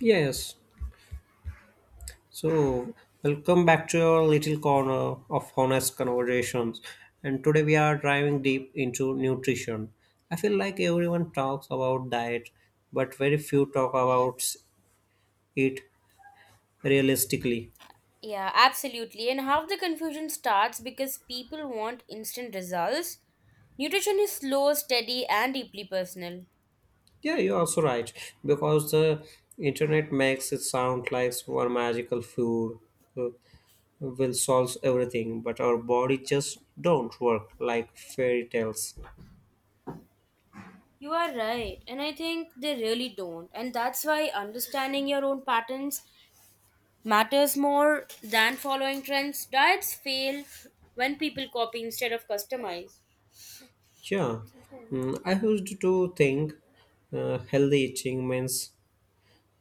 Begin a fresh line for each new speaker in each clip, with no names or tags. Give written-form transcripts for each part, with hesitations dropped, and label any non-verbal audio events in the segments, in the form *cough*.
Yes. So, welcome back to your little corner of honest conversations. And today we are driving deep into nutrition. I feel like everyone talks about diet, but very few talk about it realistically.
Yeah, absolutely. And half the confusion starts because people want instant results. Nutrition is slow, steady, and deeply personal.
Yeah, you're also right. Because the internet makes it sound like one magical food uh, will solve everything, but our body just don't work like fairy tales.
You are right, and I think they really don't. And that's why understanding your own patterns matters more than following trends. Diets fail when people copy instead of customize.
Yeah, I used to think healthy eating means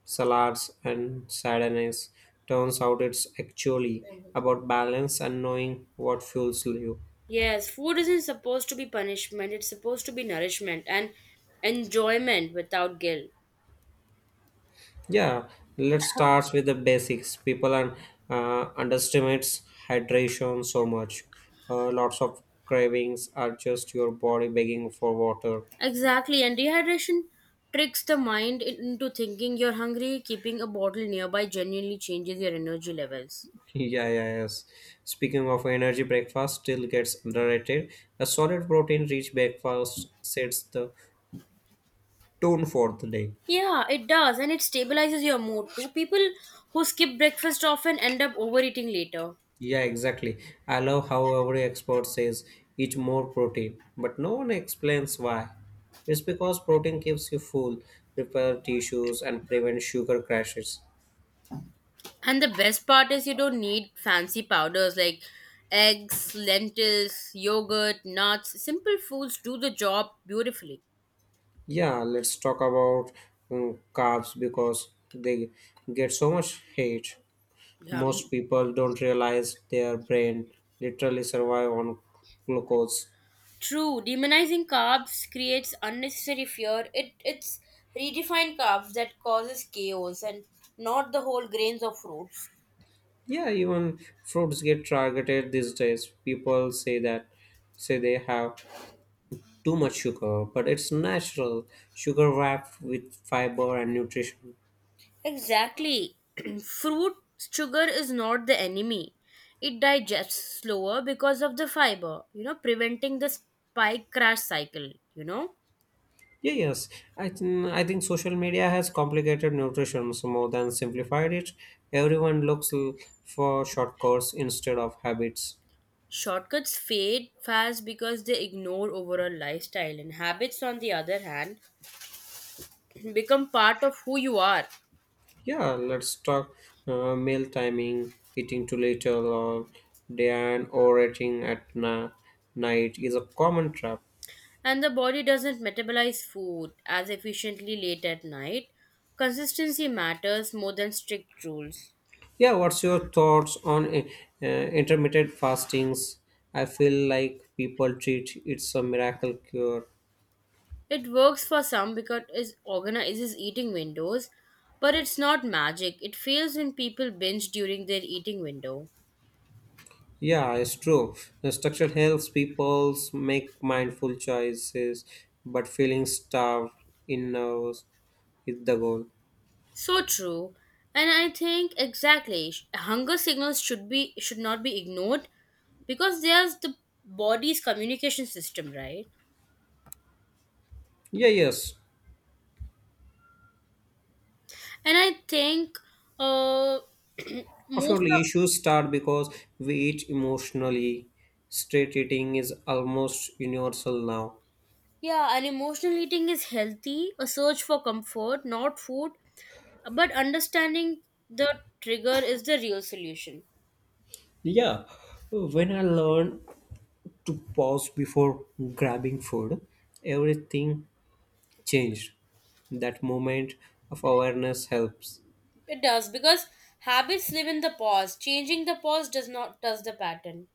salads and sadness. Turns out it's actually about balance and knowing what fuels you.
Yes, food isn't supposed to be punishment, it's supposed to be nourishment and enjoyment without guilt.
Yeah, let's start with the basics. People and underestimates hydration so much. Lots of cravings are just your body begging for water.
Exactly, and dehydration tricks the mind into thinking you're hungry. Keeping a bottle nearby genuinely changes your energy levels.
Yeah, yeah, yes. Speaking of energy, breakfast still gets underrated. A solid protein-rich breakfast sets the tone for the day.
Yeah, it does, and it stabilizes your mood too. People who skip breakfast often end up overeating later.
Yeah, exactly. I love how every expert says eat more protein, but no one explains why. It's because protein keeps you full, repair tissues, and prevent sugar crashes.
And the best part is you don't need fancy powders like eggs, lentils, yogurt, nuts. Simple foods do the job beautifully.
Yeah, let's talk about carbs because they get so much hate.
Yeah.
Most people don't realize their brain literally survive on glucose.
True, demonizing carbs creates unnecessary fear. It's redefined carbs that causes chaos and not the whole grains of fruits.
Yeah, even fruits get targeted these days. People say they have too much sugar, but it's natural sugar wrapped with fiber and nutrition.
Exactly. *clears throat* Fruit sugar is not the enemy. It digests slower because of the fiber, you know, preventing the spike crash cycle, you know.
Yeah, yes, I think social media has complicated nutrition so more than simplified it. Everyone looks for shortcuts instead of habits.
Shortcuts fade fast because they ignore overall lifestyle, and habits, on the other hand, *clears throat* become part of who you are.
Yeah, let's talk meal timing, eating too little or day or eating at night is a common trap.
And the body doesn't metabolize food as efficiently late at night, consistency matters more than strict rules.
Yeah, what's your thoughts on intermittent fastings? I feel like people treat it's a miracle cure.
It works for some because it organizes eating windows, but it's not magic. It fails when people binge during their eating window.
Yeah, it's true. The structure helps people make mindful choices, but feeling starved in nerves is the goal.
So true. And I think exactly hunger signals should not be ignored because there's the body's communication system, right?
Yeah, yes.
And I think uh, *clears throat* most
Surely
of.
issues start because we eat emotionally. Straight eating is almost universal now.
Yeah, and emotional eating is healthy, a search for comfort, not food. But understanding the trigger is the real solution.
Yeah, when I learned to pause before grabbing food, everything changed. That moment of awareness helps.
It does because habits live in the past. Changing the past does not touch the pattern.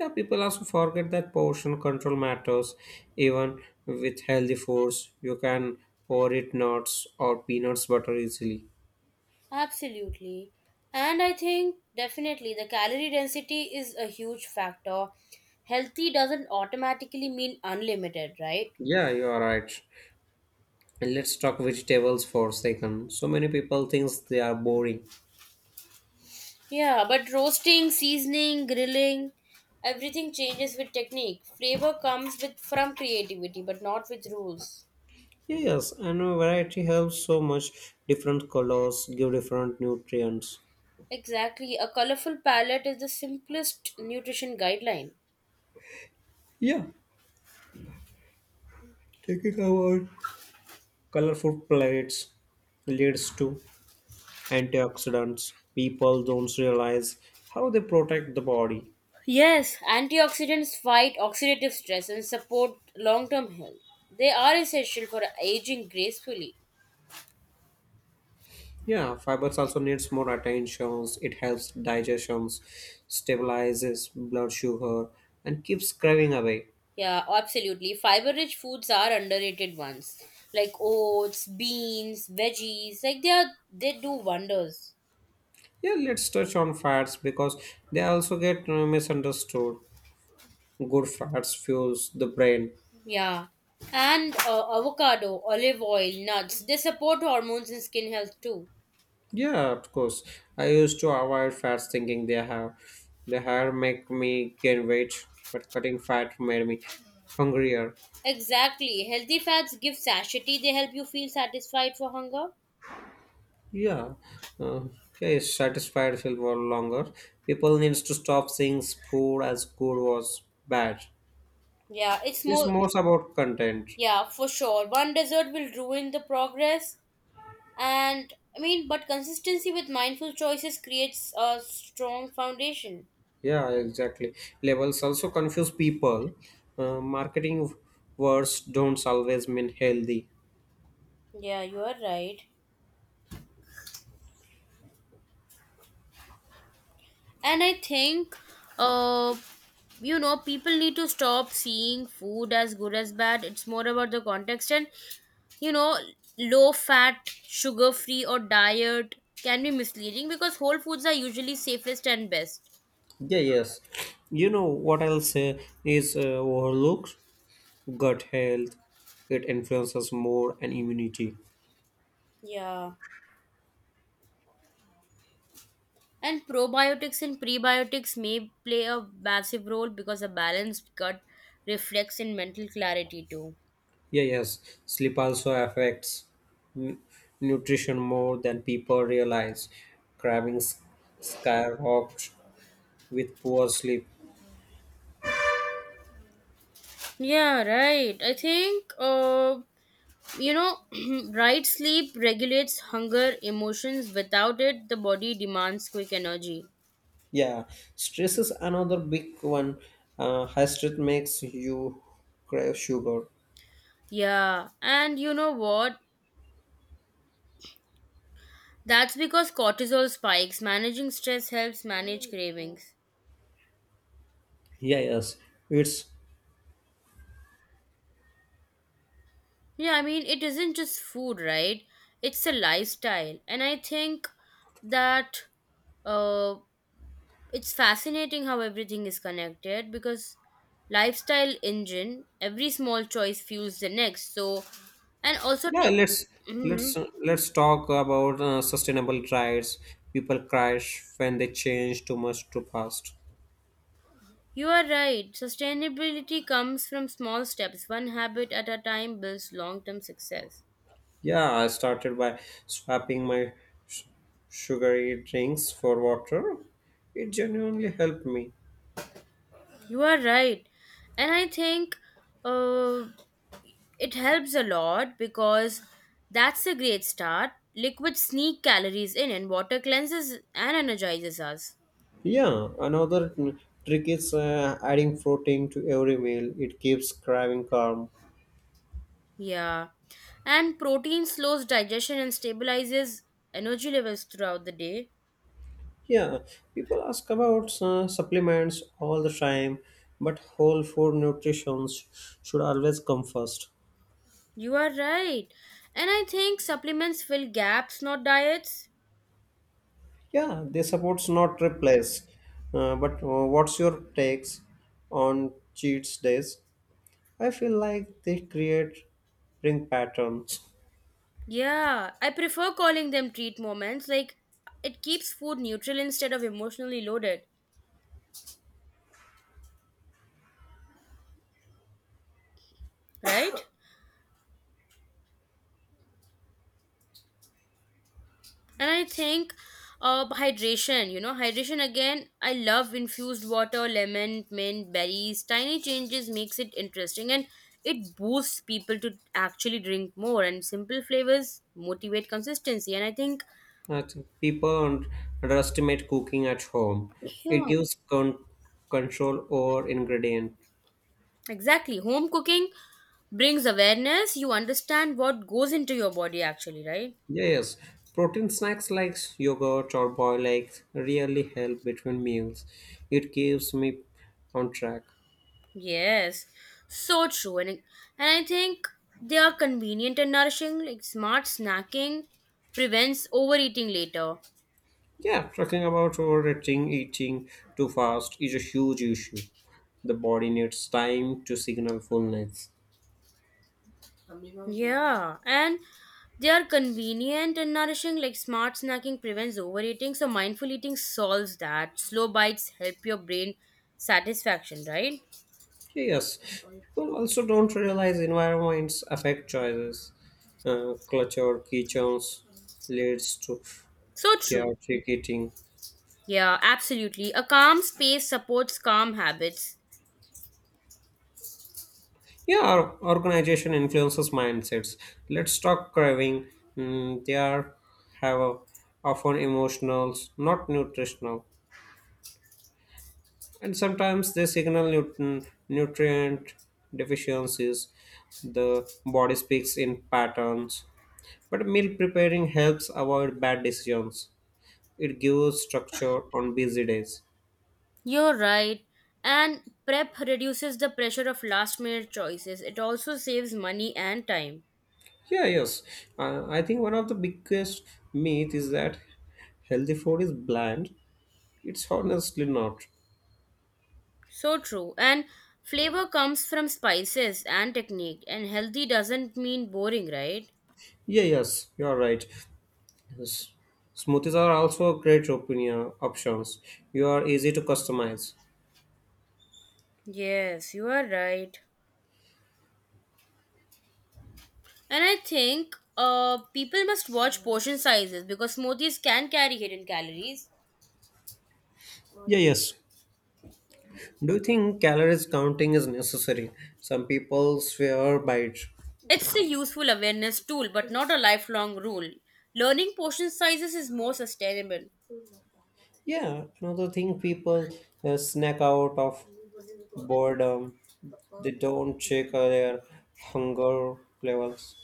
Yeah, people also forget that portion control matters. Even with healthy foods, you can overeat nuts or peanuts butter easily.
Absolutely. And I think definitely the calorie density is a huge factor. Healthy doesn't automatically mean unlimited, right?
Yeah, you are right. And let's talk vegetables for a second. So many people think they are boring.
Yeah, but roasting, seasoning, grilling, everything changes with technique. Flavor comes with from creativity, but not with rules.
Yes, and a variety helps so much. Different colors give different nutrients.
Exactly. A colorful palette is the simplest nutrition guideline.
Yeah, taking our colorful plates leads to antioxidants. People don't realize how they protect the body.
Yes, antioxidants fight oxidative stress and support long-term health. They are essential for aging gracefully.
Yeah, fibers also needs more attention. It helps digestions, stabilizes blood sugar, and keeps craving away.
Yeah, absolutely. Fiber-rich foods are underrated ones, like oats, beans, veggies. Like they are, they do wonders.
Yeah, let's touch on fats because they also get misunderstood. Good fats fuels the brain.
Yeah. And avocado, olive oil, nuts, they support hormones and skin health too.
Yeah, of course. I used to avoid fats thinking they had make me gain weight, but cutting fat made me hungrier.
Exactly. Healthy fats give satiety, they help you feel satisfied for hunger.
Yeah. Uh, yeah, satisfied feel for longer. People needs to stop seeing food as good was bad.
Yeah, it's
It's
more.
more about content.
Yeah, for sure. One dessert will ruin the progress. And I mean, but consistency with mindful choices creates a strong foundation.
Yeah, exactly. Labels also confuse people. Marketing words don't always mean healthy.
Yeah, you are right. And I think, uh, you know, people need to stop seeing food as good as bad. It's more about the context. And you know, low fat sugar free or diet can be misleading because whole foods are usually safest and best.
Yeah, yes. You know what else is overlooked? Gut health. It influences more and immunity.
Yeah. And probiotics and prebiotics may play a massive role because a balanced gut reflects in mental clarity too.
Yeah, yes. Sleep also affects nu- nutrition more than people realize. Cravings skyrocket with poor sleep.
Yeah, right. I think, you know, *clears throat* right sleep regulates hunger, emotions. Without it, the body demands quick energy.
Yeah, stress is another big one. High stress makes you crave sugar.
Yeah, and you know what? That's because cortisol spikes. Managing stress helps manage cravings.
Yeah, yes, it's
Yeah, I mean, it isn't just food, right? It's a lifestyle. And I think that uh, it's fascinating how everything is connected because lifestyle engine, every small choice fuels the next. So, and also,
Yeah,
to,
let's
Mhm.
let's talk about sustainable diets. People crash when they change too much too fast.
You are right. Sustainability comes from small steps. One habit at a time builds long term success.
Yeah, I started by swapping my sh- sugary drinks for water. It genuinely helped me.
You are right. And I think uh, it helps a lot because that's a great start. Liquid sneak calories in, and water cleanses and energizes us.
Yeah, another trick is adding protein to every meal. It keeps craving calm.
Yeah. And protein slows digestion and stabilizes energy levels throughout the day.
Yeah, people ask about supplements all the time, but whole food nutrition should always come first.
You are right. And I think supplements fill gaps, not diets.
Yeah, they supports not replace. But what's your takes on cheat days? I feel like they create bring patterns.
Yeah, I prefer calling them treat moments. Like, it keeps food neutral instead of emotionally loaded, right? And I think hydration, you know, hydration again, I love infused water lemon mint berries, tiny changes makes it interesting and it boosts people to actually drink more and simple flavors motivate consistency, and I think
I think people underestimate cooking at home. It
yeah,
gives control over ingredient.
exactly, home cooking brings awareness, you understand what goes into your body actually, right.
Yes, protein snacks like yogurt or boiled eggs really help between meals. It keeps me on track.
Yes, so true. And, and I think they are convenient and nourishing. Like smart snacking prevents overeating later.
Yeah, talking about overeating, eating too fast is a huge issue. The body needs time to signal fullness.
Yeah, and they are convenient and nourishing. Like smart snacking prevents overeating. So mindful eating solves that. Slow bites help your brain satisfaction, right?
Yes, people also don't realize environments affect choices. Cluttered kitchens leads to
So true.
chaotic eating.
Yeah, absolutely. A calm space supports calm habits.
Yeah, our organization influences mindsets. Let's talk craving. They are have a, often emotional, not nutritional, and sometimes they signal nutrient deficiencies. The body speaks in patterns, but meal preparing helps avoid bad decisions. It gives structure on busy days.
You're right. And prep reduces the pressure of last minute choices. It also saves money and time.
Yeah, yes. I think one of the biggest myth is that healthy food is bland. It's honestly not.
So true. And flavor comes from spices and technique, and healthy doesn't mean boring, right?
Yeah, yes, you are right. Yes. Smoothies are also great opinion options. You are easy to customize.
Yes, you are right. And I think people must watch portion sizes because smoothies can carry hidden calories.
Yeah, yes. Do you think calories counting is necessary? Some people swear by it.
It's a useful awareness tool, but not a lifelong rule. Learning portion sizes is more sustainable.
Yeah, another thing people snack out of boredom. They don't check their hunger levels.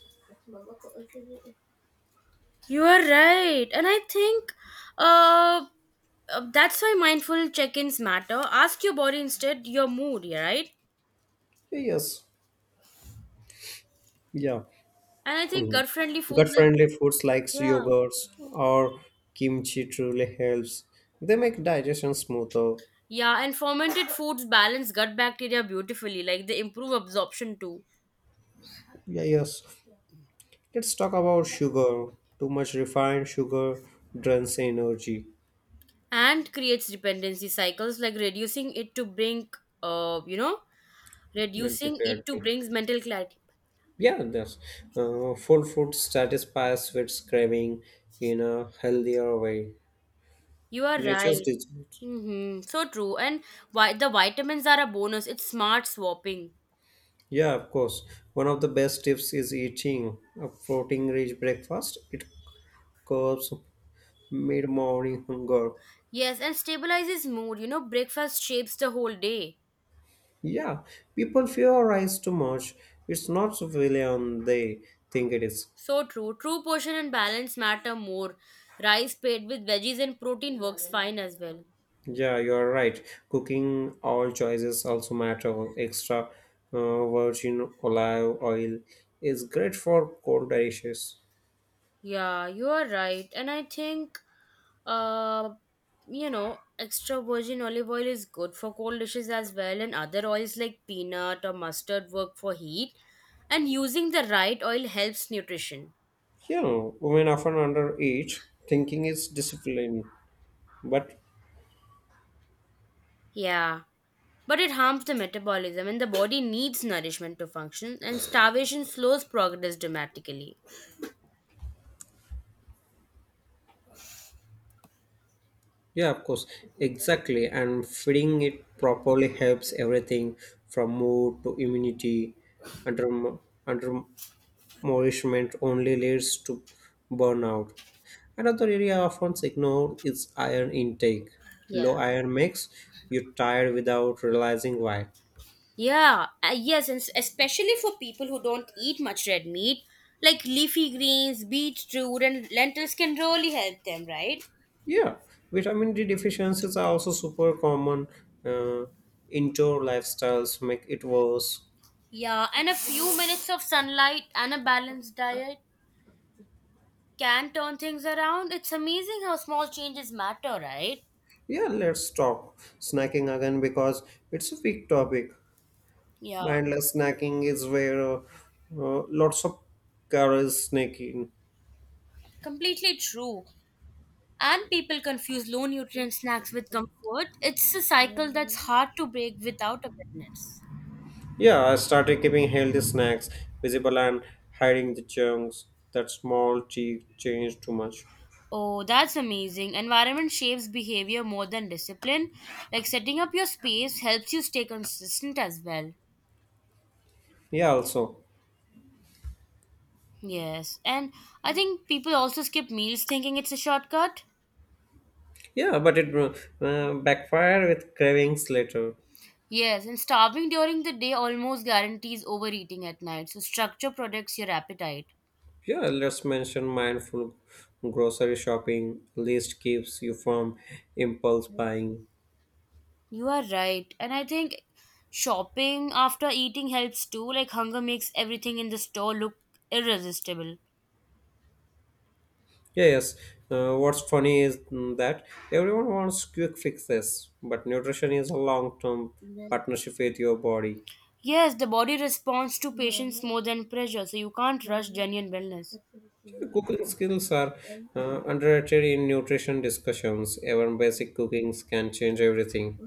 You are right. And I think uh, that's why mindful check ins matter. Ask your body instead your mood, yeah, right?
Yeah, yes. Yeah.
And I think
Mhm.
gut friendly foods like.
Gut-friendly foods like
Yeah.
yogurts or kimchi truly helps. They make digestion smoother.
Yeah, and fermented foods balance gut bacteria beautifully. Like they improve absorption too,
Yeah, yes. Let's talk about sugar. Too much refined sugar drains energy,
and creates dependency cycles. Like reducing it to bring, you know,
mental
reducing it to
clarity.
brings mental clarity.
Yeah, that's full food satisfies its craving in a healthier way.
You are
Nature's
right.
dessert.
Mm-hmm. So true. And why the vitamins are a bonus. It's smart swapping.
Yeah, of course. One of the best tips is eating a protein-rich breakfast. It curbs mid-morning hunger.
Yes, and stabilizes mood. You know, breakfast shapes the whole day.
Yeah, people theorize too much. It's not really on they think it is.
So true. True portion and balance matter more. Rice paired with veggies and protein works fine as well.
Yeah, you're right. Cooking all choices also matter. Extra virgin olive oil is great for cold dishes.
Yeah, you are right. And I think, uh, you know, extra virgin olive oil is good for cold dishes as well, and other oils like peanut or mustard work for heat. And using the right oil helps nutrition.
You know, women often undereat, thinking it's discipline. But
Yeah, but it harms the metabolism and the body needs nourishment to function, and starvation slows progress dramatically.
yeah, of course, exactly. And feeding it properly helps everything from mood to immunity. Under under nourishment only leads to burnout. Another area often ignored is iron intake.
Yeah.
Low iron makes you tired without realizing why.
Yeah, yes, and especially for people who don't eat much red meat, like leafy greens, beetroot, and lentils can really help them, right?
Yeah, vitamin D deficiencies are also super common. Uh, Indoor lifestyles make it worse.
Yeah, and a few minutes of sunlight and a balanced diet can turn things around. It's amazing how small changes matter, right?
Yeah, let's talk snacking again because it's a big topic.
Yeah,
Mindless snacking is where lots of calories sneak in.
completely true. And people confuse low nutrient snacks with comfort. It's a cycle that's hard to break without awareness.
Yeah, I started keeping healthy snacks visible and hiding the chunks that small tea changed too much.
Oh, that's amazing. Environment shapes behavior more than discipline. Like setting up your space helps you stay consistent as well.
Yeah, also.
Yes, and I think people also skip meals thinking it's a shortcut.
Yeah, but it backfired with cravings later.
Yes, and starving during the day almost guarantees overeating at night. So structure protects your appetite.
Yeah, let's mention mindful grocery shopping. List keeps you from impulse buying.
You are right. And I think shopping after eating helps too. Like hunger makes everything in the store look irresistible.
Yeah, yes. What's funny is that everyone wants quick fixes, but nutrition is a long term partnership with your body.
Yes, the body responds to patience more than pressure, so you can't rush genuine wellness.
Cooking skills are underrated in nutrition discussions. Even basic cookings can change everything.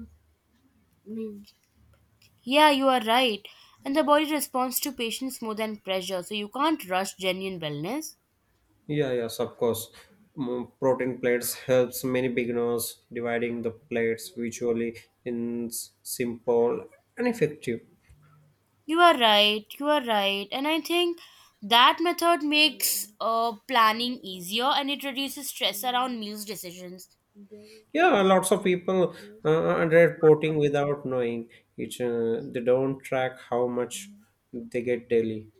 Yeah, you are right. And the body responds to patience more than pressure, so you can't rush genuine wellness.
Yeah, yes, of course. Protein plates helps many beginners dividing the plates visually in simple and effective.
You are right. You are right. And I think that method makes planning easier and it reduces stress around meals decisions.
Yeah, lots of people underrate protein without knowing it. They don't track how much they get daily.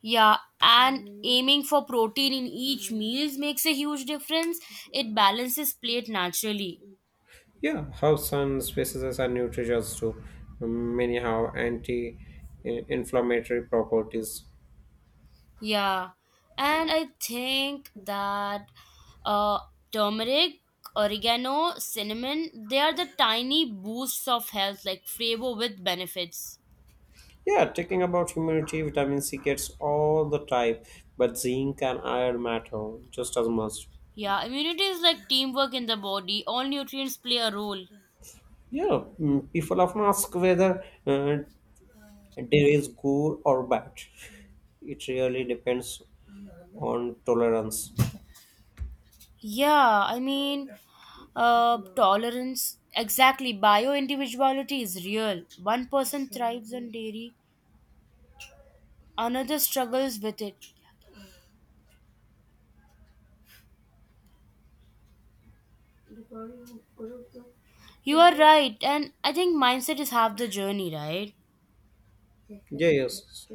Yeah, and aiming for protein in each meals makes a huge difference. It balances plate naturally.
Yeah, how sun spices are nutritious too. Many have anti-inflammatory properties.
Yeah, and I think that uh, turmeric, oregano, cinnamon, they are the tiny boosts of health, like flavor with benefits.
Yeah, talking about humidity, vitamin C gets all the type, but zinc and iron matter just as much.
Yeah, immunity is like teamwork in the body. All nutrients play a role.
Yeah, people often ask whether there is good or bad. It really depends on tolerance.
Yeah, I mean, tolerance, exactly. Bio individuality is real. One person thrives on dairy, another struggles with it. You are right, and I think mindset is half the journey, right?
Yeah, yes.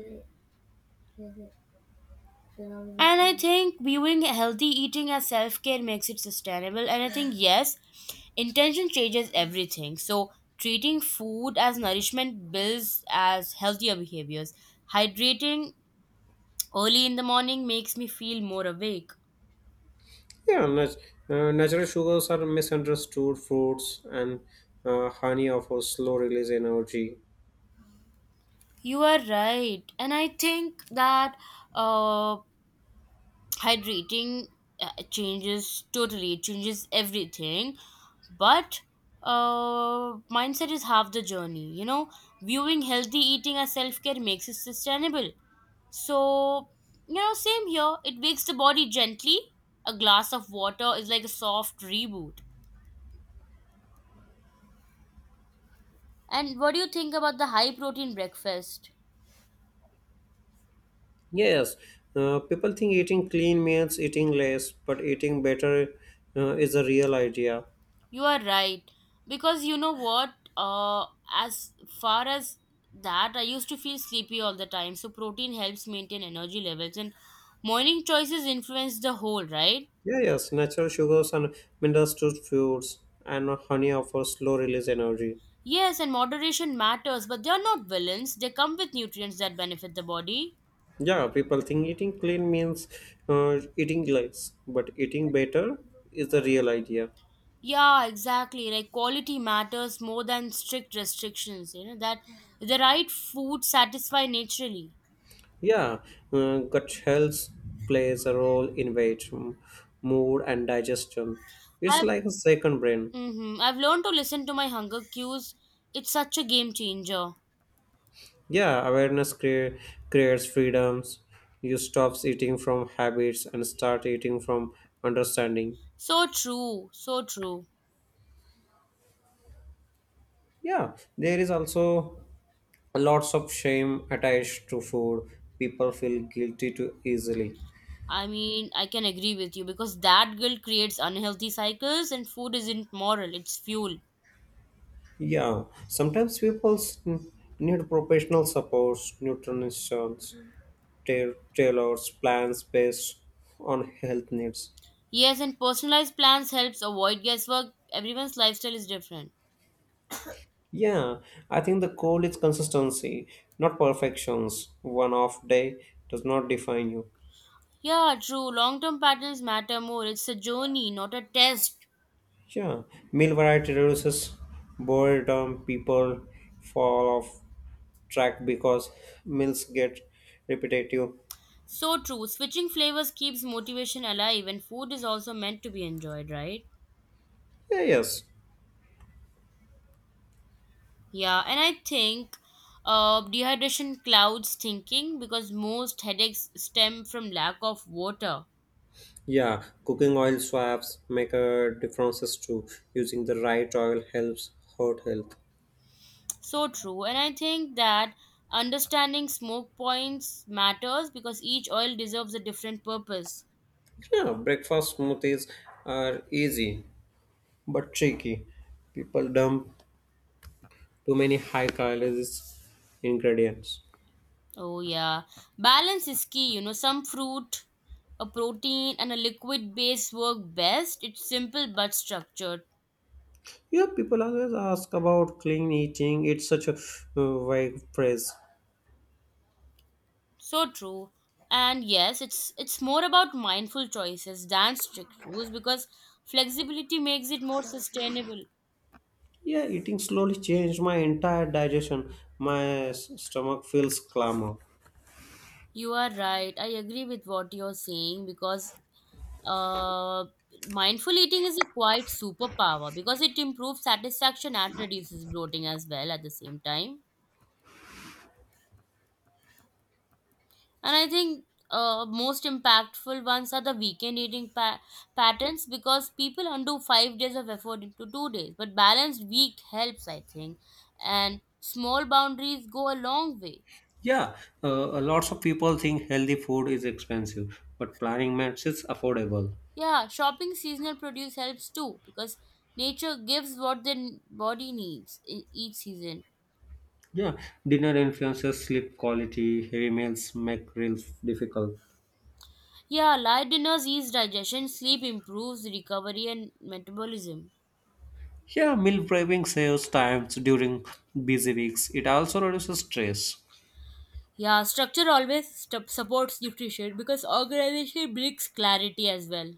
And I think viewing healthy eating as self care makes it sustainable. And I think, yes, intention changes everything. So, treating food as nourishment builds as healthier behaviors. Hydrating early in the morning makes me feel more awake.
Yeah, natural sugars are misunderstood fruits, and honey offers slow release energy.
You are right, and I think that uh, hydrating changes totally. It changes everything, but mindset is half the journey. You know, viewing healthy eating as self care makes it sustainable. So, you know, same here. It wakes the body gently. A glass of water is like a soft reboot. And what do you think about the high protein breakfast?
Yes, people think eating clean means eating less, but eating better is the real idea.
You are right. Because you know what? As far as that, I used to feel sleepy all the time. So protein helps maintain energy levels, and morning choices influence the whole, right?
Yeah, yes, natural sugars are misunderstood foods, and honey offers slow release energy.
Yes, and moderation matters, but they are not villains. They come with nutrients that benefit the body.
Yeah, people think eating clean means eating less, but eating better is the real idea.
Yeah, exactly. Like quality matters more than strict restrictions. You know that the right food satisfy naturally.
Yeah, gut health plays a role in weight, mood, and digestion. It's
I've
like a second brain.
mm-hmm, I've learned to listen to my hunger cues. It's such a game changer.
Yeah, awareness creates freedoms. You stop eating from habits and start eating from understanding.
So true, so true.
Yeah, there is also lots of shame attached to food. People feel guilty too easily.
I mean, I can agree with you because that guilt creates unhealthy cycles and food isn't moral, it's fuel.
Yeah, sometimes people need professional support, nutritionists. Tailors plans based on health needs.
Yes, and personalized plans helps avoid guesswork. Everyone's lifestyle is different.
Yeah, I think the goal is consistency, not perfections. One off day does not define you.
Yeah, true. Long-term patterns matter more. It's a journey, not a test.
Yeah, meal variety reduces boredom. People fall off track because meals get repetitive.
So true. Switching flavors keeps motivation alive and food is also meant to be enjoyed, right?
Yeah, yes.
Yeah, and I think dehydration clouds thinking because most headaches stem from lack of water.
Yeah, cooking oil swaps make a differences too. Using the right oil helps heart health.
So true. And I think that understanding smoke points matters because each oil deserves a different purpose.
Yeah, breakfast smoothies are easy, but tricky. People dump too many high calories ingredients.
Oh, yeah. Balance is key. You know, some fruit, a protein, and a liquid base work best. It's simple but structured.
Yeah, people always ask about clean eating. It's such a vague phrase.
So true. And yes, it's more about mindful choices than strict rules because flexibility makes it more sustainable.
Yeah, eating slowly changed my entire digestion. My stomach feels clamor.
You are right. I agree with what you're saying because Uh, mindful eating is a quite superpower because it improves satisfaction and reduces bloating as well at the same time. And I think most impactful ones are the weekend eating patterns because people undo 5 days of effort into 2 days. But balanced week helps, I think, and small boundaries go a long way.
Yeah, lots of people think healthy food is expensive, but planning matters it's affordable.
Yeah, shopping seasonal produce helps too because nature gives what the body needs in each season.
Yeah, dinner influences sleep quality. Heavy meals make meals difficult.
Yeah, light dinners ease digestion, sleep improves recovery and metabolism.
Yeah, meal prepping saves time during busy weeks. It also reduces stress.
Yeah, structure always supports nutrition because organization brings clarity as well.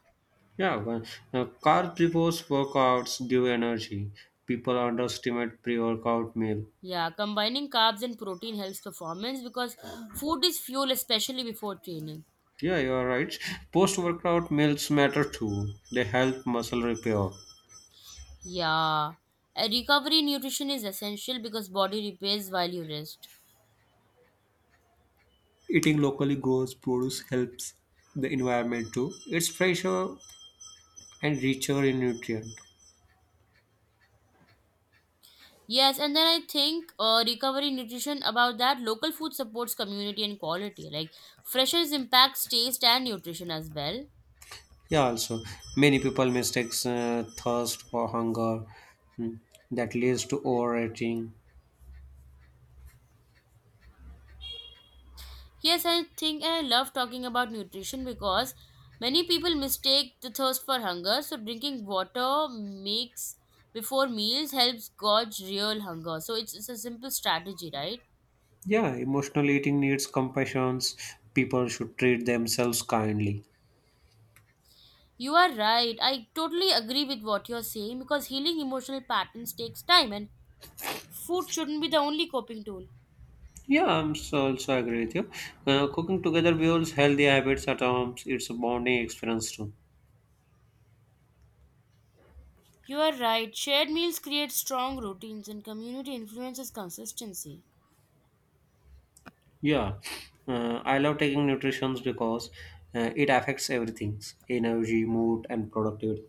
Yeah, well, carb workouts give energy. People underestimate pre-workout meal.
Yeah, combining carbs and protein helps performance because food is fuel, especially before training.
Yeah, you are right. Post-workout meals matter too. They help muscle repair.
Yeah, a recovery nutrition is essential because body repairs while you rest.
Eating locally grows produce helps the environment too. It's fresher and richer in nutrient.
Yes, and then I think recovery nutrition about that local food supports community and quality. Like freshness impacts taste and nutrition as well.
Yeah, also many people mistakes thirst for hunger. Hmm. That leads to overeating.
Yes, I think I love talking about nutrition because many people mistake the thirst for hunger. So drinking water makes before meals helps gauge real hunger. So it's a simple strategy, right?
Yeah, emotional eating needs compassion. People should treat themselves kindly.
You are right. I totally agree with what you're saying because healing emotional patterns takes time and food shouldn't be the only coping tool.
Yeah, I'm so also agree with you. Cooking together builds healthy habits at home. It's a bonding experience too.
You are right. Shared meals create strong routines and community influences consistency.
Yeah, I love taking nutrition because it affects everything: energy, mood, and productivity.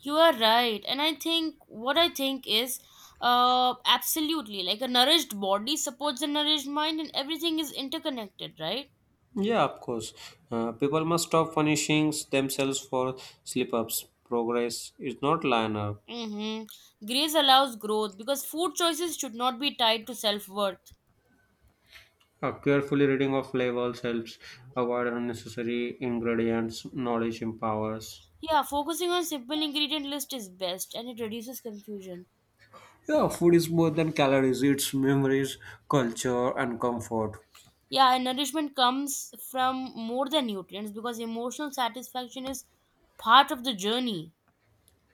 You are right. And I think what I think is absolutely, like a nourished body supports a nourished mind and everything is interconnected, right?
Yeah, of course. People must stop punishing themselves for slip ups. Progress is not linear.
Mm-hmm. Grace allows growth because food choices should not be tied to self-worth.
A careful reading of labels helps avoid unnecessary ingredients. Knowledge empowers.
Yeah, focusing on simple ingredient list is best and it reduces confusion.
Yeah, food is more than calories, it's memories, culture, and comfort.
Yeah, and nourishment comes from more than nutrients because emotional satisfaction is part of the journey.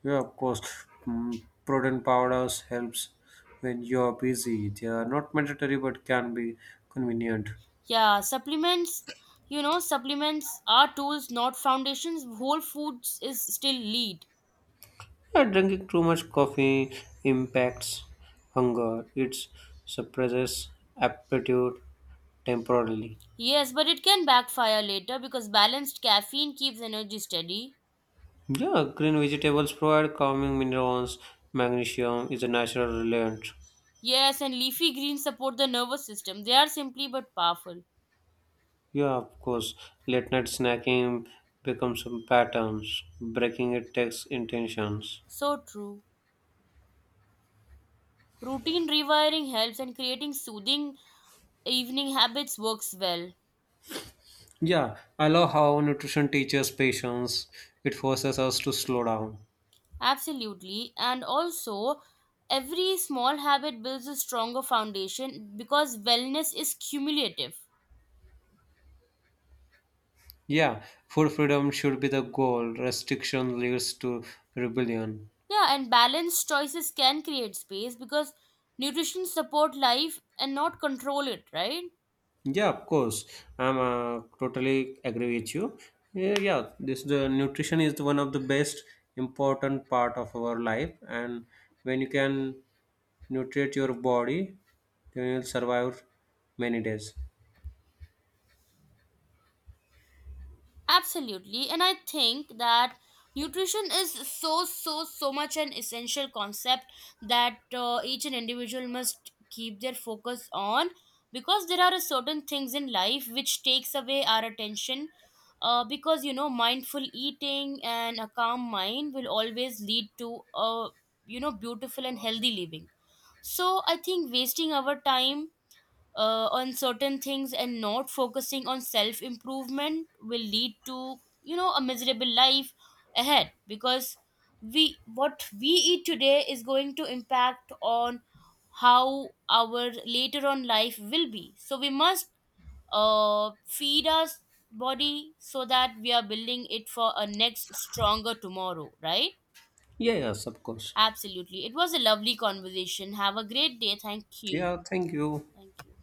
Yeah, of course, protein powders helps when you're busy. They are not mandatory but can be convenient.
Yeah, supplements, you know, supplements are tools, not foundations. Whole foods is still lead.
Yeah, drinking too much coffee impacts hunger. It suppresses appetite temporarily.
Yes, but it can backfire later because balanced caffeine keeps energy steady.
Yeah, green vegetables provide calming minerals. Magnesium is a natural relent.
Yes, and leafy greens support the nervous system. They are simply but powerful.
Yeah, of course. Late night snacking becomes some patterns. Breaking it takes intentions.
So true. Routine rewiring helps and creating soothing evening habits works well.
Yeah, I love how nutrition teaches patience. It forces us to slow down.
Absolutely. And also, every small habit builds a stronger foundation because wellness is cumulative.
Yeah, food freedom should be the goal. Restriction leads to rebellion.
Yeah, and balanced choices can create space because nutrition support life and not control it, right?
Yeah, of course. I'm totally agree with you. Yeah, yeah, this the nutrition is one of the best important part of our life, and when you can nutrient your body, then you'll survive many days.
Absolutely, and I think that nutrition is so so so much an essential concept that each an individual must keep their focus on, because there are a certain things in life which takes away our attention, because, you know, mindful eating and a calm mind will always lead to a, you know, beautiful and healthy living. So I think wasting our time on certain things and not focusing on self improvement will lead to, you know, a miserable life ahead, because we, what we eat today is going to impact on how our later on life will be. So we must feed our body so that we are building it for a next stronger tomorrow, right?
Yeah, yes, of course.
Absolutely, it was a lovely conversation. Have a great day. Thank you.
Yeah, thank you.
Thank you.